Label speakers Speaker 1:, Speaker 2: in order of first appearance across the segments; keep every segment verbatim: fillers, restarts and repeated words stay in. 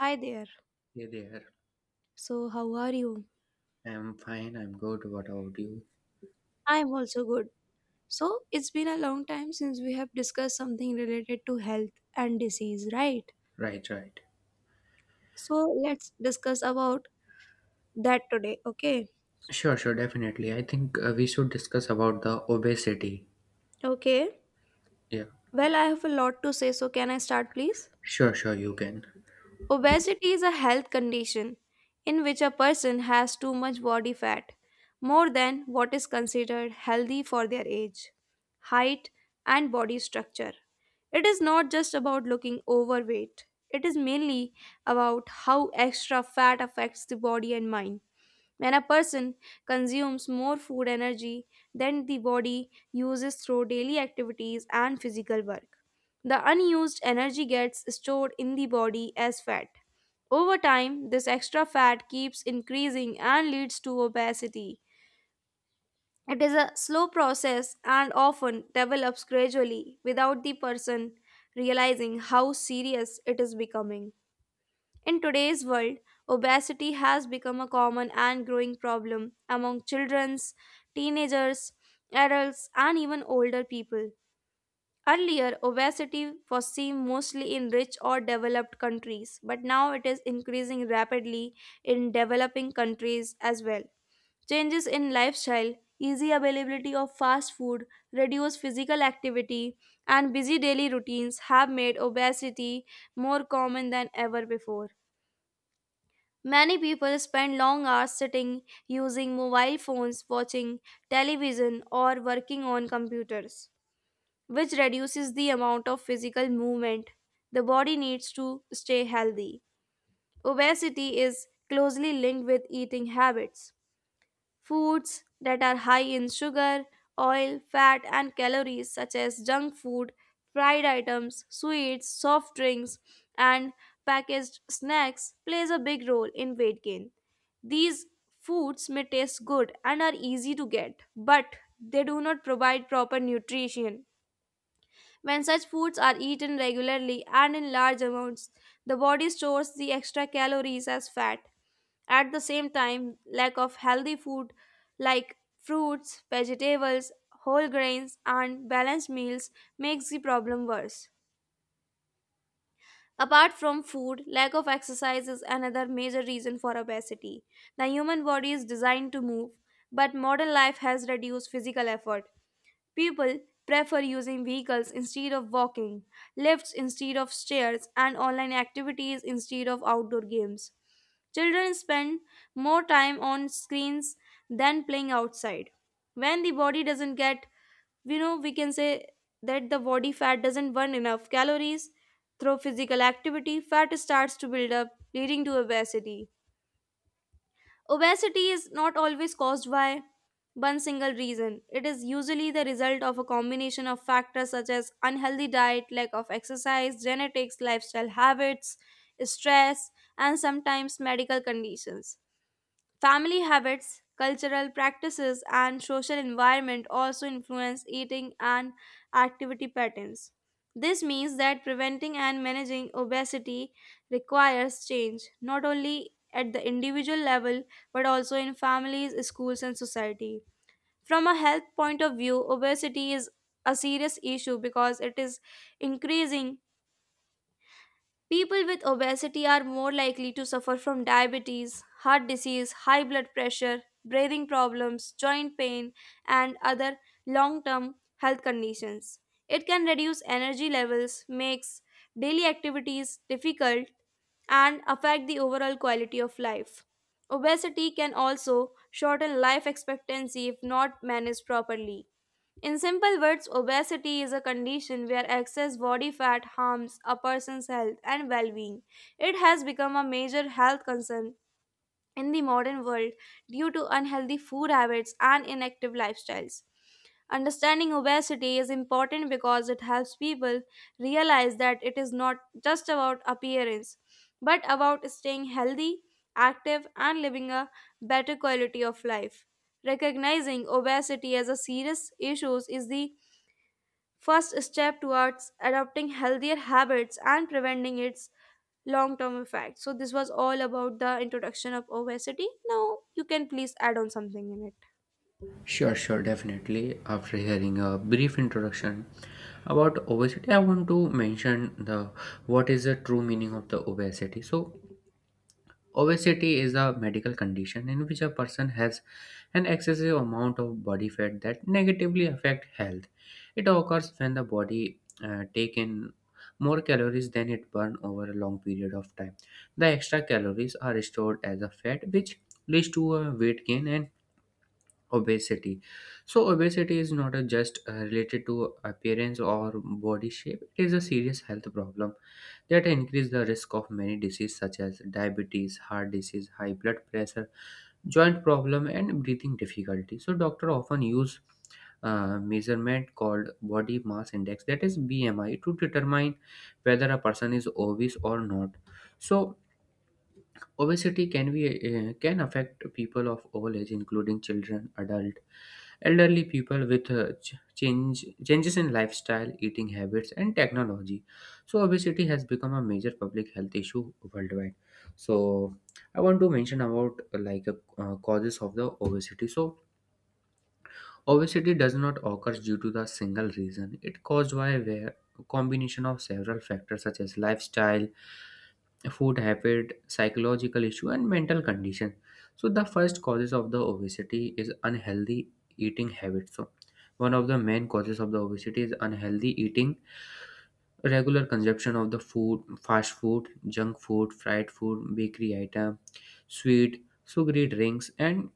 Speaker 1: Hi there.
Speaker 2: Hey there.
Speaker 1: So, how are you?
Speaker 2: I'm fine. I'm good. What about you?
Speaker 1: I'm also good. So, it's been a long time since we have discussed something related to health and disease, right?
Speaker 2: Right, right.
Speaker 1: So, let's discuss about that today, okay?
Speaker 2: Sure, sure, definitely. I think uh, we should discuss about the obesity.
Speaker 1: Okay.
Speaker 2: Yeah.
Speaker 1: Well, I have a lot to say, so can I start, please?
Speaker 2: Sure, sure, you can.
Speaker 1: Obesity is a health condition in which a person has too much body fat, more than what is considered healthy for their age, height, and body structure. It is not just about looking overweight, it is mainly about how extra fat affects the body and mind. When a person consumes more food energy than the body uses through daily activities and physical work, the unused energy gets stored in the body as fat. Over time, this extra fat keeps increasing and leads to obesity. It is a slow process and often develops gradually without the person realizing how serious it is becoming. In today's world, obesity has become a common and growing problem among children, teenagers, adults, and even older people. Earlier, obesity was seen mostly in rich or developed countries, but now it is increasing rapidly in developing countries as well. Changes in lifestyle, easy availability of fast food, reduced physical activity, and busy daily routines have made obesity more common than ever before. Many people spend long hours sitting, using mobile phones, watching television, or working on computers, which reduces the amount of physical movement the body needs to stay healthy. Obesity is closely linked with eating habits. Foods that are high in sugar, oil, fat, and calories, such as junk food, fried items, sweets, soft drinks, and packaged snacks, plays a big role in weight gain. These foods may taste good and are easy to get, but they do not provide proper nutrition. When such foods are eaten regularly and in large amounts, the body stores the extra calories as fat. At the same time, lack of healthy food like fruits, vegetables, whole grains, and balanced meals makes the problem worse. Apart from food, lack of exercise is another major reason for obesity. The human body is designed to move, but modern life has reduced physical effort. People prefer using vehicles instead of walking, lifts instead of stairs, and online activities instead of outdoor games. Children spend more time on screens than playing outside. When the body doesn't get, you know, we can say that the body fat doesn't burn enough calories through physical activity, fat starts to build up, leading to obesity. Obesity is not always caused by one single reason. It is usually the result of a combination of factors such as unhealthy diet, lack of exercise, genetics, lifestyle habits, stress, and sometimes medical conditions. Family habits, cultural practices, and social environment also influence eating and activity patterns. This means that preventing and managing obesity requires change, not only at the individual level, but also in families, schools, and society. From a health point of view, obesity is a serious issue because it is increasing. People with obesity are more likely to suffer from diabetes, heart disease, high blood pressure, breathing problems, joint pain, and other long term health conditions. It can reduce energy levels, makes daily activities difficult, and affect the overall quality of life. Obesity can also shorten life expectancy if not managed properly. In simple words, obesity is a condition where excess body fat harms a person's health and well being. It has become a major health concern in the modern world due to unhealthy food habits and inactive lifestyles. Understanding obesity is important because it helps people realize that it is not just about appearance, but about staying healthy, active, and living a better quality of life. Recognizing obesity as a serious issue is the first step towards adopting healthier habits and preventing its long term effect. So this was all about the introduction of obesity. Now you can please add on something in it.
Speaker 2: Sure, sure, definitely. After hearing a brief introduction about obesity, I want to mention the what is the true meaning of the obesity. So, obesity is a medical condition in which a person has an excessive amount of body fat that negatively affect health. It occurs when the body uh, take in more calories than it burn over a long period of time. The extra calories are stored as a fat, which leads to a weight gain and obesity. So obesity is not a just uh, related to appearance or body shape. It is a serious health problem that increase the risk of many diseases such as diabetes, heart disease, high blood pressure, joint problem, and breathing difficulty. So doctor often use uh, measurement called body mass index, that is BMI, to determine whether a person is obese or not. So obesity can be uh, can affect people of all age, including children, adult, elderly people, with uh, ch- change, changes in lifestyle, eating habits, and technology. So, obesity has become a major public health issue worldwide. So, I want to mention about uh, like uh, causes of the obesity. So, obesity does not occur due to the single reason. It caused by a combination of several factors such as lifestyle, food habit, psychological issue, and mental condition. So the first causes of the obesity is unhealthy eating habits. So one of the main causes of the obesity is unhealthy eating, regular consumption of the food, fast food, junk food, fried food, bakery item, sweet, sugary drinks, and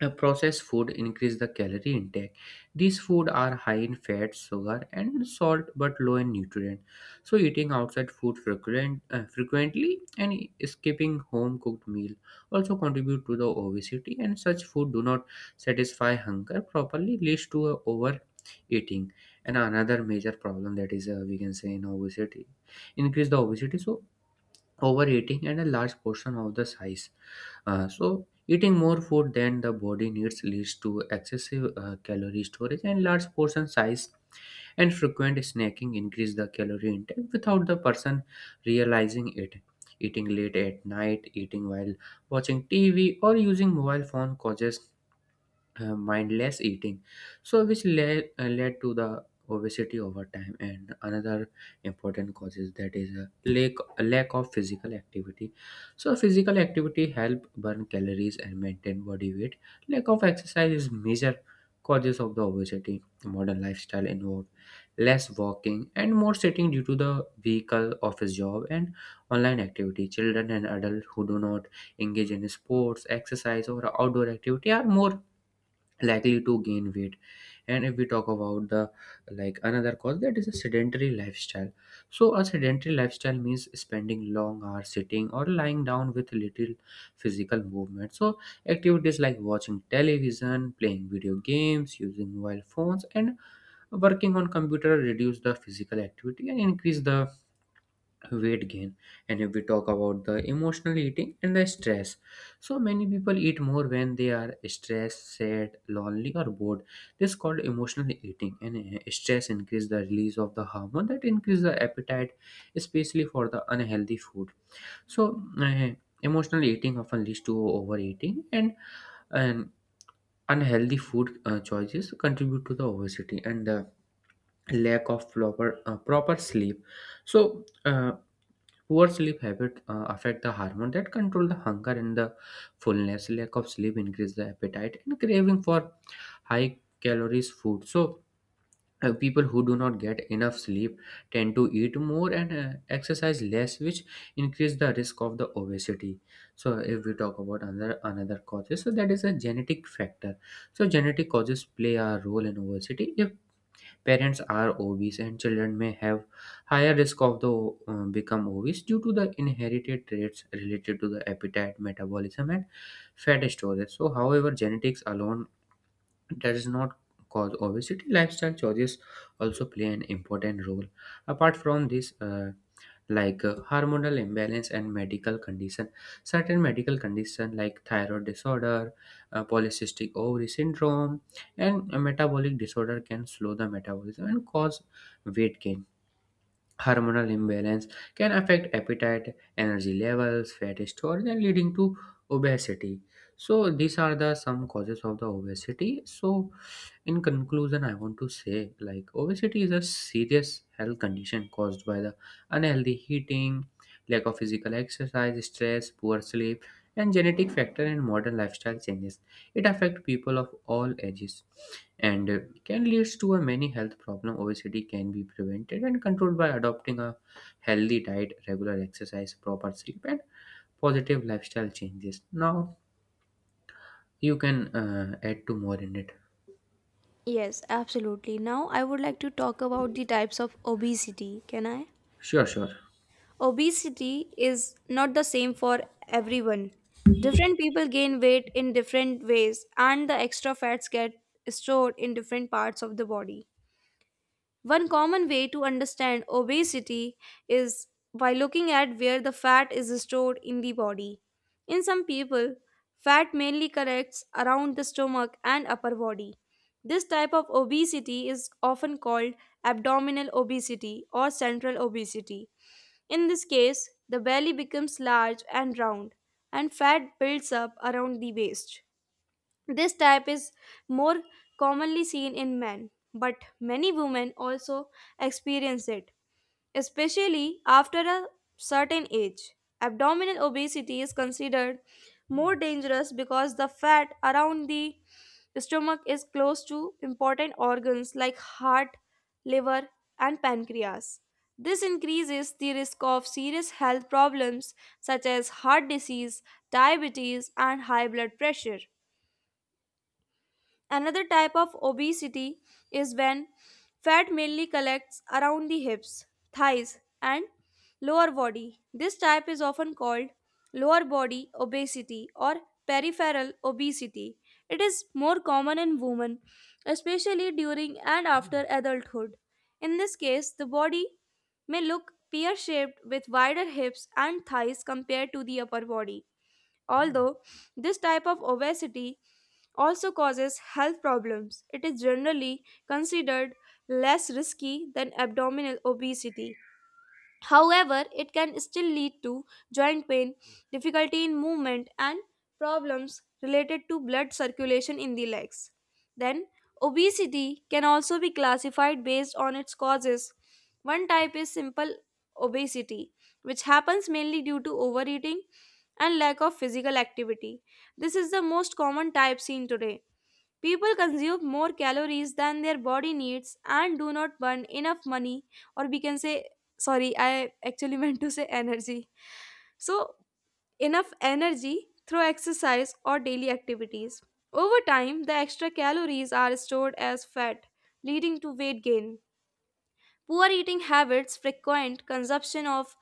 Speaker 2: uh, processed food increase the calorie intake. These food are high in fat, sugar, and salt, but low in nutrient. So eating outside food frequent, uh, frequently and skipping home cooked meal also contribute to the obesity, and such food do not satisfy hunger properly, leads to uh, overeating. And another major problem that is, uh, we can say in obesity, increase the obesity, so overeating and a large portion of the size. Uh, so, eating more food than the body needs leads to excessive uh, calorie storage, and large portion size and frequent snacking increase the calorie intake without the person realizing it. Eating late at night, eating while watching T V, or using mobile phone causes uh, mindless eating, so which led, uh, led to the obesity over time. And another important causes that is a lack, a lack of physical activity. So physical activity help burn calories and maintain body weight. Lack of exercise is major causes of the obesity. Modern lifestyle involve less walking and more sitting due to the vehicle, office job, and online activity. Children and adults who do not engage in sports, exercise, or outdoor activity are more likely to gain weight. And if we talk about the like another cause, that is a sedentary lifestyle. So a sedentary lifestyle means spending long hours sitting or lying down with little physical movement. So activities like watching television, playing video games, using mobile phones, and working on computer reduce the physical activity and increase the weight gain. And if we talk about the emotional eating and the stress, so many people eat more when they are stressed, sad, lonely, or bored. This is called emotional eating. And uh, stress increase the release of the hormone that increase the appetite, especially for the unhealthy food. So uh, emotional eating often leads to overeating and and unhealthy food uh, choices contribute to the obesity, and the lack of proper uh, proper sleep. So uh, poor sleep habits uh, affect the hormone that control the hunger and the fullness. Lack of sleep increase the appetite and craving for high calories food. So uh, people who do not get enough sleep tend to eat more and uh, exercise less, which increase the risk of the obesity. So if we talk about another another causes, so that is a genetic factor. So genetic causes play a role in obesity. If parents are obese, and children may have higher risk of the uh, become obese due to the inherited traits related to the appetite, metabolism, and fat storage. So, however, genetics alone does not cause obesity. Lifestyle choices also play an important role. Apart from this, uh, like uh, hormonal imbalance and medical condition, certain medical condition like thyroid disorder, uh, polycystic ovary syndrome, and metabolic disorder can slow the metabolism and cause weight gain. Hormonal imbalance can affect appetite, energy levels, fat storage, and leading to obesity. So these are the some causes of the obesity. So in conclusion, I want to say like obesity is a serious health condition caused by the unhealthy eating, lack of physical exercise, stress, poor sleep, and genetic factor and modern lifestyle changes. It affects people of all ages, and uh, can lead to a many health problem. Obesity can be prevented and controlled by adopting a healthy diet, regular exercise, proper sleep, and positive lifestyle changes. Now you can uh, add to more in it.
Speaker 1: Yes, absolutely. Now I would like to talk about the types of obesity. Can I?
Speaker 2: Sure, sure.
Speaker 1: Obesity is not the same for everyone. Different people gain weight in different ways and the extra fats get stored in different parts of the body. One common way to understand obesity is by looking at where the fat is stored in the body. In some people, fat mainly collects around the stomach and upper body. This type of obesity is often called abdominal obesity or central obesity. In this case, the belly becomes large and round, and fat builds up around the waist. This type is more commonly seen in men, but many women also experience it, especially after a certain age. Abdominal obesity is considered more dangerous because the fat around the stomach is close to important organs like heart, liver, and pancreas. This increases the risk of serious health problems such as heart disease, diabetes, and high blood pressure. Another type of obesity is when fat mainly collects around the hips, thighs, and lower body. This type is often called lower body obesity or peripheral obesity. It is more common in women, especially during and after adulthood. In this case, the body may look pear shaped with wider hips and thighs compared to the upper body. Although this type of obesity also causes health problems, it is generally considered less risky than abdominal obesity. However, it can still lead to joint pain, difficulty in movement, and problems related to blood circulation in the legs. Then, obesity can also be classified based on its causes. One type is simple obesity, which happens mainly due to overeating and lack of physical activity. This is the most common type seen today. People consume more calories than their body needs and do not burn enough money, or we can say, sorry, I actually meant to say energy. So, enough energy through exercise or daily activities. Over time, the extra calories are stored as fat, leading to weight gain. Poor eating habits, frequent consumption of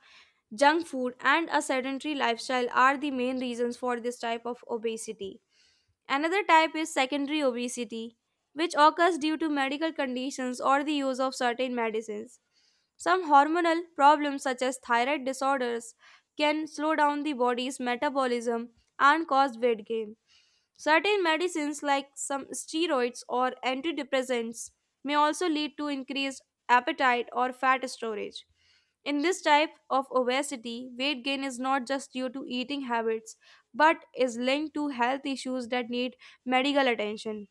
Speaker 1: junk food, and a sedentary lifestyle are the main reasons for this type of obesity. Another type is secondary obesity, which occurs due to medical conditions or the use of certain medicines. Some hormonal problems, such as thyroid disorders, can slow down the body's metabolism and cause weight gain. Certain medicines, like some steroids or antidepressants, may also lead to increased appetite or fat storage. In this type of obesity, weight gain is not just due to eating habits but is linked to health issues that need medical attention.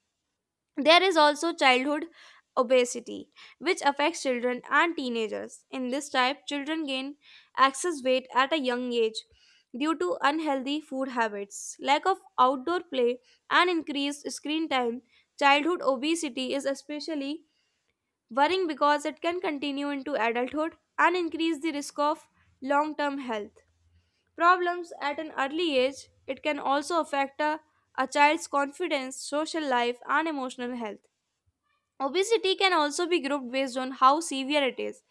Speaker 1: There is also childhood obesity, which affects children and teenagers. In this type, children gain excess weight at a young age due to unhealthy food habits, lack of outdoor play, and increased screen time. Childhood obesity is especially worrying because it can continue into adulthood and increase the risk of long term health problems at an early age. It can also affect a, a child's confidence, social life, and emotional health. Obesity can also be grouped based on how severe it is.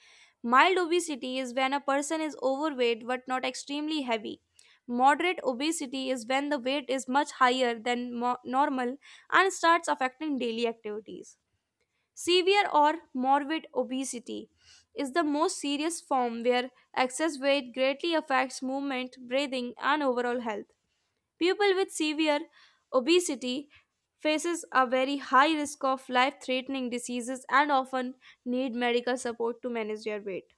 Speaker 1: Mild obesity is when a person is overweight but not extremely heavy. Moderate obesity is when the weight is much higher than mo- normal and starts affecting daily activities. Severe or morbid obesity is the most serious form where excess weight greatly affects movement, breathing, and overall health. People with severe obesity faces a very high risk of life-threatening diseases and often need medical support to manage their weight.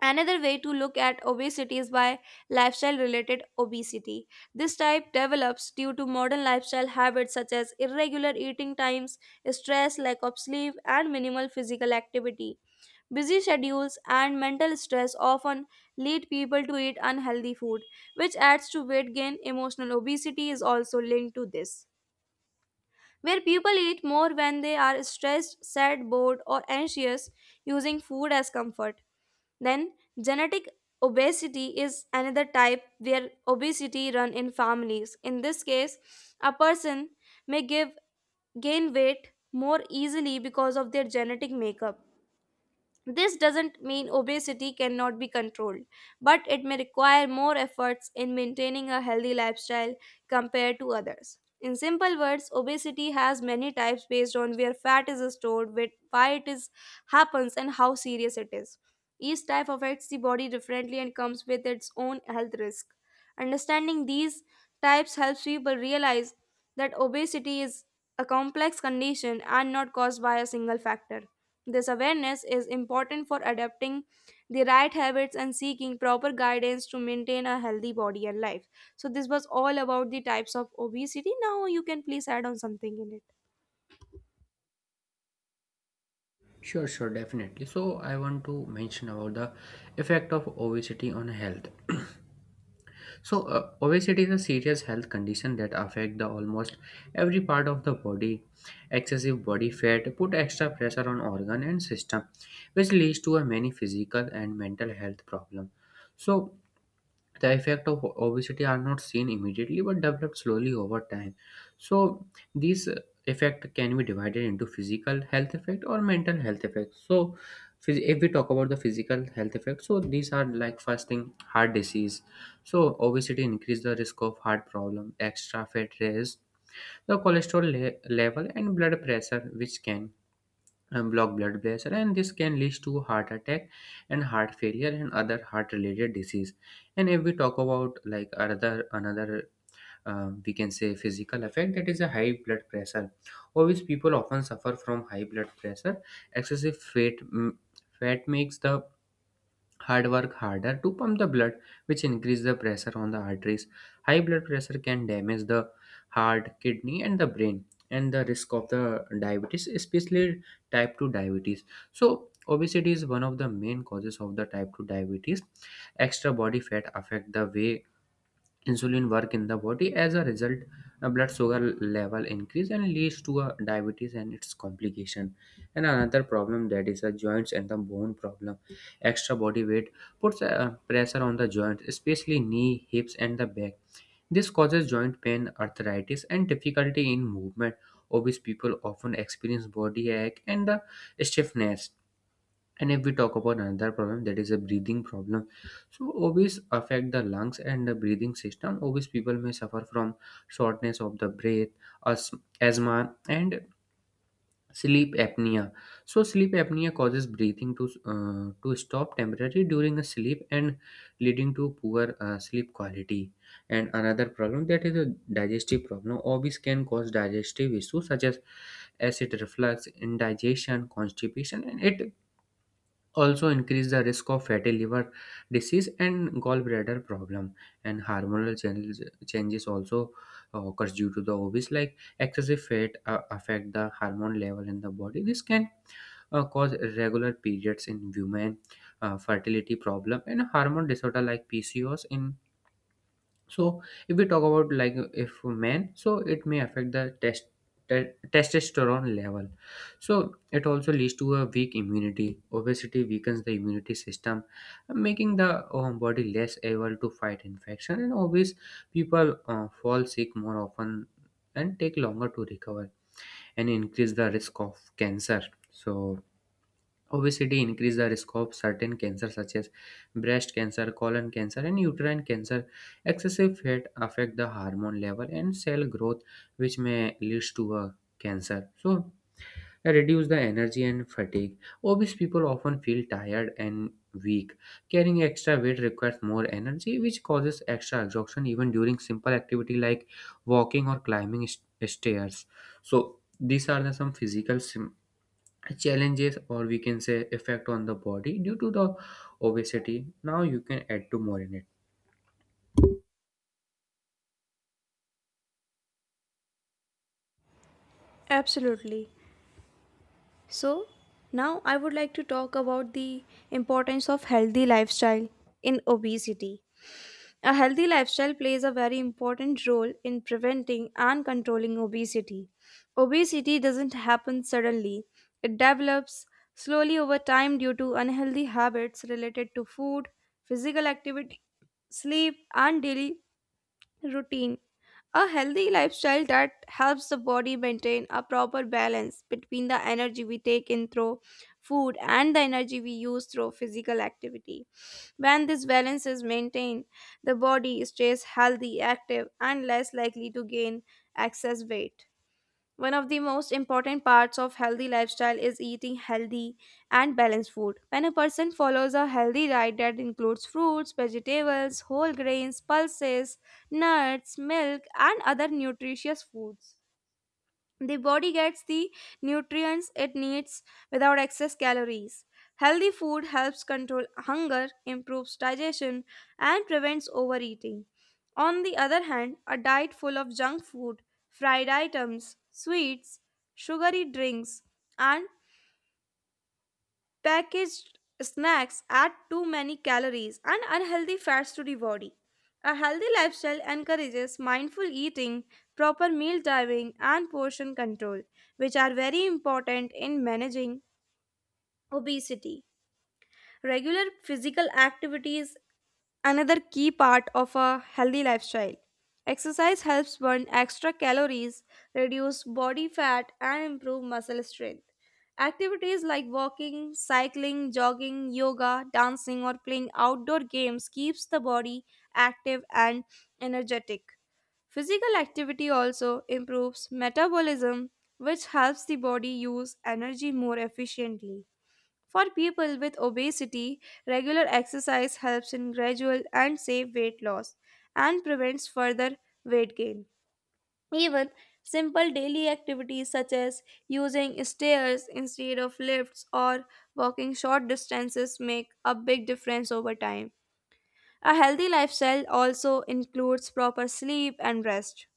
Speaker 1: Another way to look at obesity is by lifestyle related obesity. This type develops due to modern lifestyle habits such as irregular eating times, stress, lack of sleep, and minimal physical activity. Busy schedules and mental stress often lead people to eat unhealthy food, which adds to weight gain. Emotional obesity is also linked to this, where people eat more when they are stressed, sad, bored, or anxious, using food as comfort. Then, genetic obesity is another type where obesity run in families. In this case, a person may give gain weight more easily because of their genetic makeup. This doesn't mean obesity cannot be controlled, but it may require more efforts in maintaining a healthy lifestyle compared to others. In simple words, obesity has many types based on where fat is stored, where- why it is happens, and how serious it is. Each type affects the body differently and comes with its own health risk. Understanding these types helps people realize that obesity is a complex condition and not caused by a single factor. This awareness is important for adapting the right habits and seeking proper guidance to maintain a healthy body and life. So, this was all about the types of obesity. Now, you can please add on something in it.
Speaker 2: Sure, sure, definitely. So, I want to mention about the effect of obesity on health. So, uh, obesity is a serious health condition that affect the almost every part of the body. Excessive body fat put extra pressure on organ and system, which leads to a many physical and mental health problem. So, the effect of obesity are not seen immediately but develop slowly over time. So these uh, effect can be divided into physical health effect or mental health effect. So phys- if we talk about the physical health effect, so these are like first thing, heart disease. So obesity increase the risk of heart problem. Extra fat raise the cholesterol le- level and blood pressure, which can and block blood vessel, and this can lead to heart attack and heart failure and other heart related disease. And if we talk about like other another, uh, we can say physical effect, that is a high blood pressure. Obvious people often suffer from high blood pressure. Excessive fat mm, fat makes the hard work harder to pump the blood, which increase the pressure on the arteries. High blood pressure can damage the heart, kidney, and the brain. And the risk of the diabetes, especially type two diabetes. So obesity is one of the main causes of the type two diabetes. Extra body fat affect the way insulin work in the body. As a result, uh, blood sugar level increase and leads to a diabetes and its complication. And another problem, that is the joints and the bone problem. Extra body weight puts uh, pressure on the joints, especially knee, hips, and the back. This causes joint pain, arthritis, and difficulty in movement. Obese people often experience body ache and the stiffness. And if we talk about another problem, that is a breathing problem. So obese affect the lungs and the breathing system. Obese people may suffer from shortness of the breath, as- asthma, and sleep apnea. So sleep apnea causes breathing to uh, to stop temporarily during a sleep and leading to poor uh, sleep quality. And another problem, that is a digestive problem. Obese can cause digestive issues such as acid reflux, indigestion, constipation, and it also increase the risk of fatty liver disease and gallbladder problem. And hormonal changes changes also uh, occurs due to the obese. Like excessive fat uh, affect the hormone level in the body. This can uh, cause irregular periods in women, uh, fertility problem and hormone disorder like PCOS in. So if we talk about like if men, so it may affect the test te- testosterone level. So it also leads to a weak immunity. Obesity weakens the immunity system, making the um, body less able to fight infection, and obese people uh, fall sick more often and take longer to recover, and increase the risk of cancer. So obesity increases the risk of certain cancers such as breast cancer, colon cancer, and uterine cancer. Excessive fat affect the hormone level and cell growth, which may lead to a cancer. So, reduce the energy and fatigue. Obese people often feel tired and weak. Carrying extra weight requires more energy, which causes extra exhaustion even during simple activity like walking or climbing st- stairs. So, these are the some physical sim- challenges, or we can say effect on the body due to the obesity. Now you can add to more in it.
Speaker 1: Absolutely. So, now I would like to talk about the importance of healthy lifestyle in obesity. A healthy lifestyle plays a very important role in preventing and controlling obesity. Obesity doesn't happen suddenly, it develops slowly over time due to unhealthy habits related to food, physical activity, sleep, and daily routine. A healthy lifestyle that helps the body maintain a proper balance between the energy we take in through food and the energy we use through physical activity. When this balance is maintained, the body stays healthy, active, and less likely to gain excess weight. One of the most important parts of healthy lifestyle is eating healthy and balanced food. When a person follows a healthy diet that includes fruits, vegetables, whole grains, pulses, nuts, milk, and other nutritious foods, the body gets the nutrients it needs without excess calories. Healthy food helps control hunger, improves digestion, and prevents overeating. On the other hand, a diet full of junk food, fried items, sweets, sugary drinks, and packaged snacks add too many calories and unhealthy fats to the body. A healthy lifestyle encourages mindful eating, proper meal timing, and portion control, which are very important in managing obesity. Regular physical activities another key part of a healthy lifestyle. Exercise helps burn extra calories, reduce body fat, and improve muscle strength. Activities like walking, cycling, jogging, yoga, dancing, or playing outdoor games keeps the body active and energetic. Physical activity also improves metabolism, which helps the body use energy more efficiently. For people with obesity, regular exercise helps in gradual and safe weight loss and prevents further weight gain. Even simple daily activities such as using stairs instead of lifts or walking short distances make a big difference over time. A healthy lifestyle also includes proper sleep and rest.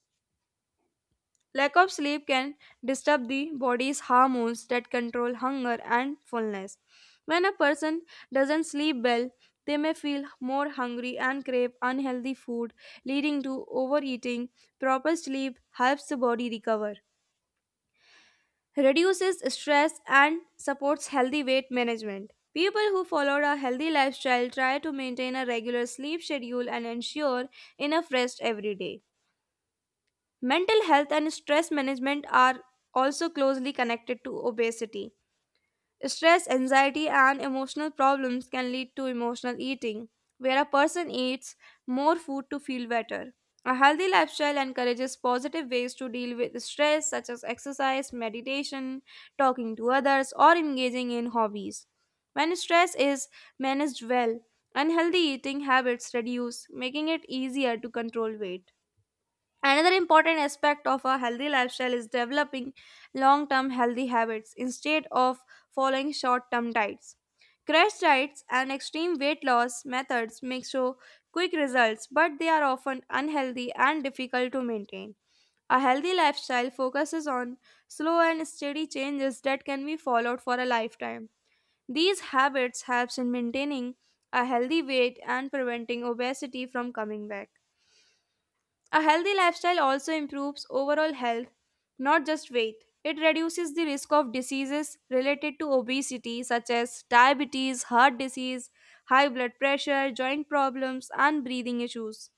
Speaker 1: Lack of sleep can disturb the body's hormones that control hunger and fullness. When a person doesn't sleep well, they may feel more hungry and crave unhealthy food, leading to overeating. Proper sleep helps the body recover, reduces stress, and supports healthy weight management. People who followed a healthy lifestyle try to maintain a regular sleep schedule and ensure enough rest every day. Mental health and stress management are also closely connected to obesity. Stress, anxiety, and emotional problems can lead to emotional eating, where a person eats more food to feel better. A healthy lifestyle encourages positive ways to deal with stress, such as exercise, meditation, talking to others, or engaging in hobbies. When stress is managed well, unhealthy eating habits reduce, making it easier to control weight. Another important aspect of a healthy lifestyle is developing long term healthy habits instead of following short term diets. Crash diets and extreme weight loss methods may show quick results, but they are often unhealthy and difficult to maintain. A healthy lifestyle focuses on slow and steady changes that can be followed for a lifetime. These habits helps in maintaining a healthy weight and preventing obesity from coming back. A healthy lifestyle also improves overall health, not just weight. It reduces the risk of diseases related to obesity, such as diabetes, heart disease, high blood pressure, joint problems, and breathing issues.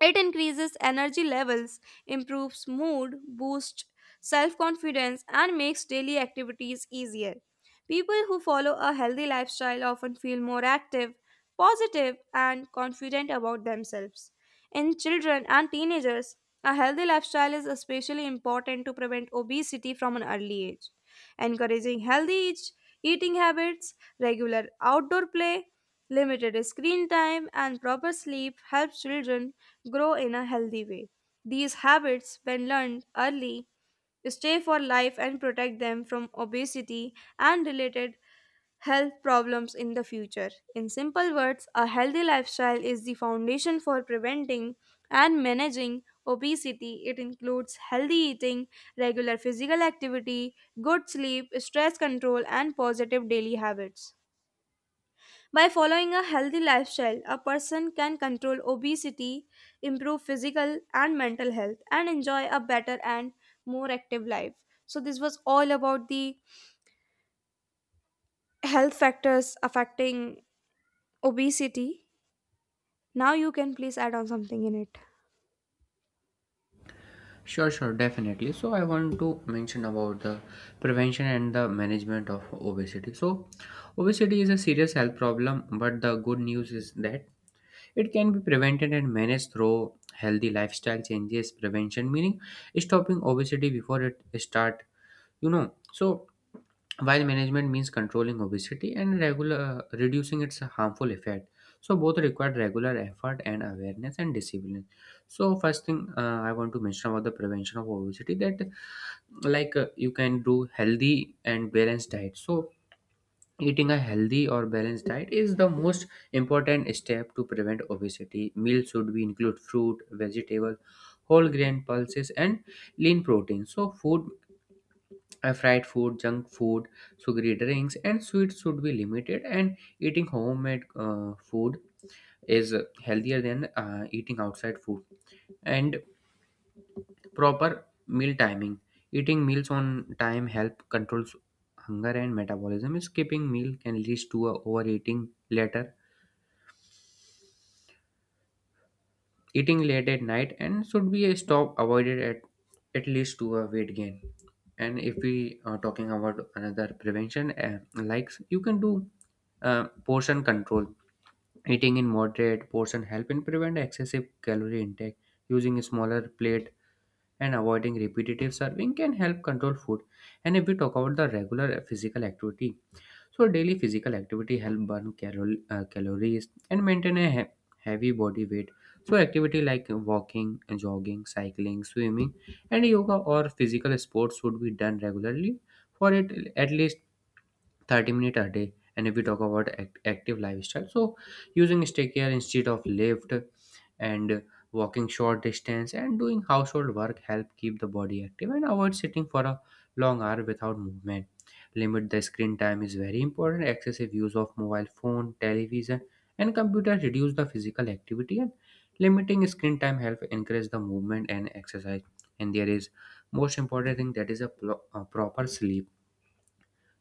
Speaker 1: It increases energy levels, improves mood, boosts self confidence, and makes daily activities easier. People who follow a healthy lifestyle often feel more active, positive, and confident about themselves. In children and teenagers, a healthy lifestyle is especially important to prevent obesity from an early age. Encouraging healthy each- eating habits, regular outdoor play, limited screen time, and proper sleep helps children grow in a healthy way. These habits, when learned early, stay for life and protect them from obesity and related health problems in the future. In simple words, a healthy lifestyle is the foundation for preventing and managing obesity. It includes healthy eating, regular physical activity, good sleep, stress control, and positive daily habits. By following a healthy lifestyle, a person can control obesity, improve physical and mental health, and enjoy a better and more active life. So, this was all about the health factors affecting obesity. Now, you can please add on something in it.
Speaker 2: Sure, sure, definitely. So I want to mention about the prevention and the management of obesity. So obesity is a serious health problem, but the good news is that it can be prevented and managed through healthy lifestyle changes. Prevention meaning stopping obesity before it start, you know so while management means controlling obesity and regular reducing its harmful effect. So both require regular effort and awareness and discipline. So first thing, uh, I want to mention about the prevention of obesity, that like uh, you can do healthy and balanced diet. So eating a healthy or balanced diet is the most important step to prevent obesity. Meals should be include fruit, vegetable, whole grain, pulses, and lean protein. So food, uh, fried food, junk food, sugary drinks, and sweets should be limited. And eating homemade uh, food is healthier than uh, eating outside food. And proper meal timing. Eating meals on time help controls hunger and metabolism. Skipping meal can lead to a overeating later. Eating late at night and should be a stop avoided at at least to a weight gain. And if we are talking about another prevention, uh, like you can do Uh, portion control. Eating in moderate portion help in prevent excessive calorie intake. Using a smaller plate and avoiding repetitive serving can help control food. And if we talk about the regular physical activity, so daily physical activity help burn cal- uh, calories and maintain a he- heavy body weight. So activity like walking, jogging, cycling, swimming, and yoga or physical sports should be done regularly for it at least thirty minutes a day. And if we talk about act- active lifestyle, so using staircase instead of lift and walking short distance and doing household work help keep the body active and avoid sitting for a long hour without movement. Limit the screen time is very important. Excessive use of mobile phone, television, and computer reduce the physical activity, and limiting screen time help increase the movement and exercise. And there is most important thing, that is a, pro- a proper sleep.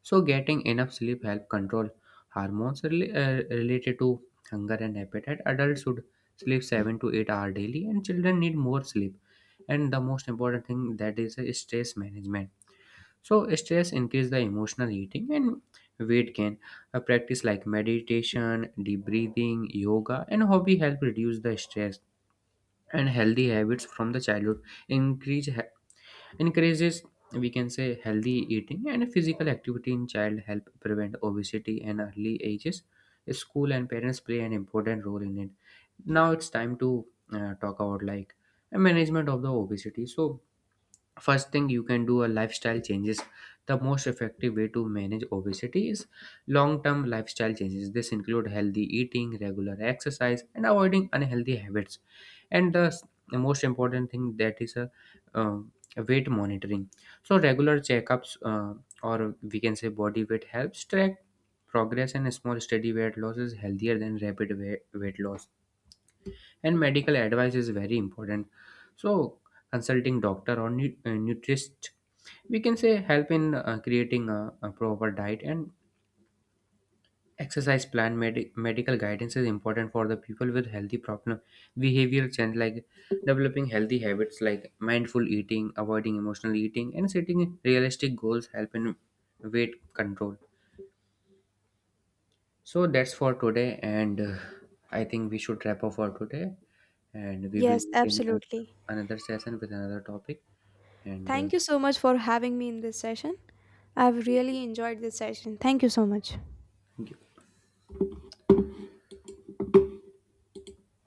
Speaker 2: So, getting enough sleep help control hormones rela- uh, related to hunger and appetite. Adults should sleep seven to eight hours daily, and children need more sleep. And the most important thing, that is uh, stress management. So, stress increase the emotional eating and weight gain. A practice like meditation, deep breathing, yoga, and hobby help reduce the stress. And healthy habits from the childhood increase he- encourages, we can say, healthy eating and physical activity in child help prevent obesity and early ages. School and parents play an important role in it. Now it's time to uh, talk about like management of the obesity. So first thing, you can do a lifestyle changes. The most effective way to manage obesity is long term lifestyle changes. This include healthy eating, regular exercise, and avoiding unhealthy habits. And the, s- the most important thing, that is a, uh, weight monitoring. So regular checkups, uh, or we can say body weight, helps track progress, and small steady weight loss is healthier than rapid weight, weight loss. And medical advice is very important. So consulting doctor or nu- uh, nutritionist, we can say, help in uh, creating a, a proper diet and exercise plan. Medi- medical guidance is important for the people with healthy problem. Behavioral change like developing healthy habits like mindful eating, avoiding emotional eating, and setting realistic goals help in weight control. So that's for today, and uh, I think we should wrap up for today, and we will
Speaker 1: Yes,
Speaker 2: meet in uh,
Speaker 1: absolutely.
Speaker 2: another session with another topic. And uh,
Speaker 1: Thank you so much for having me in this session. I've
Speaker 2: thank you.
Speaker 1: really enjoyed this session. Thank you so much.
Speaker 2: Thank you.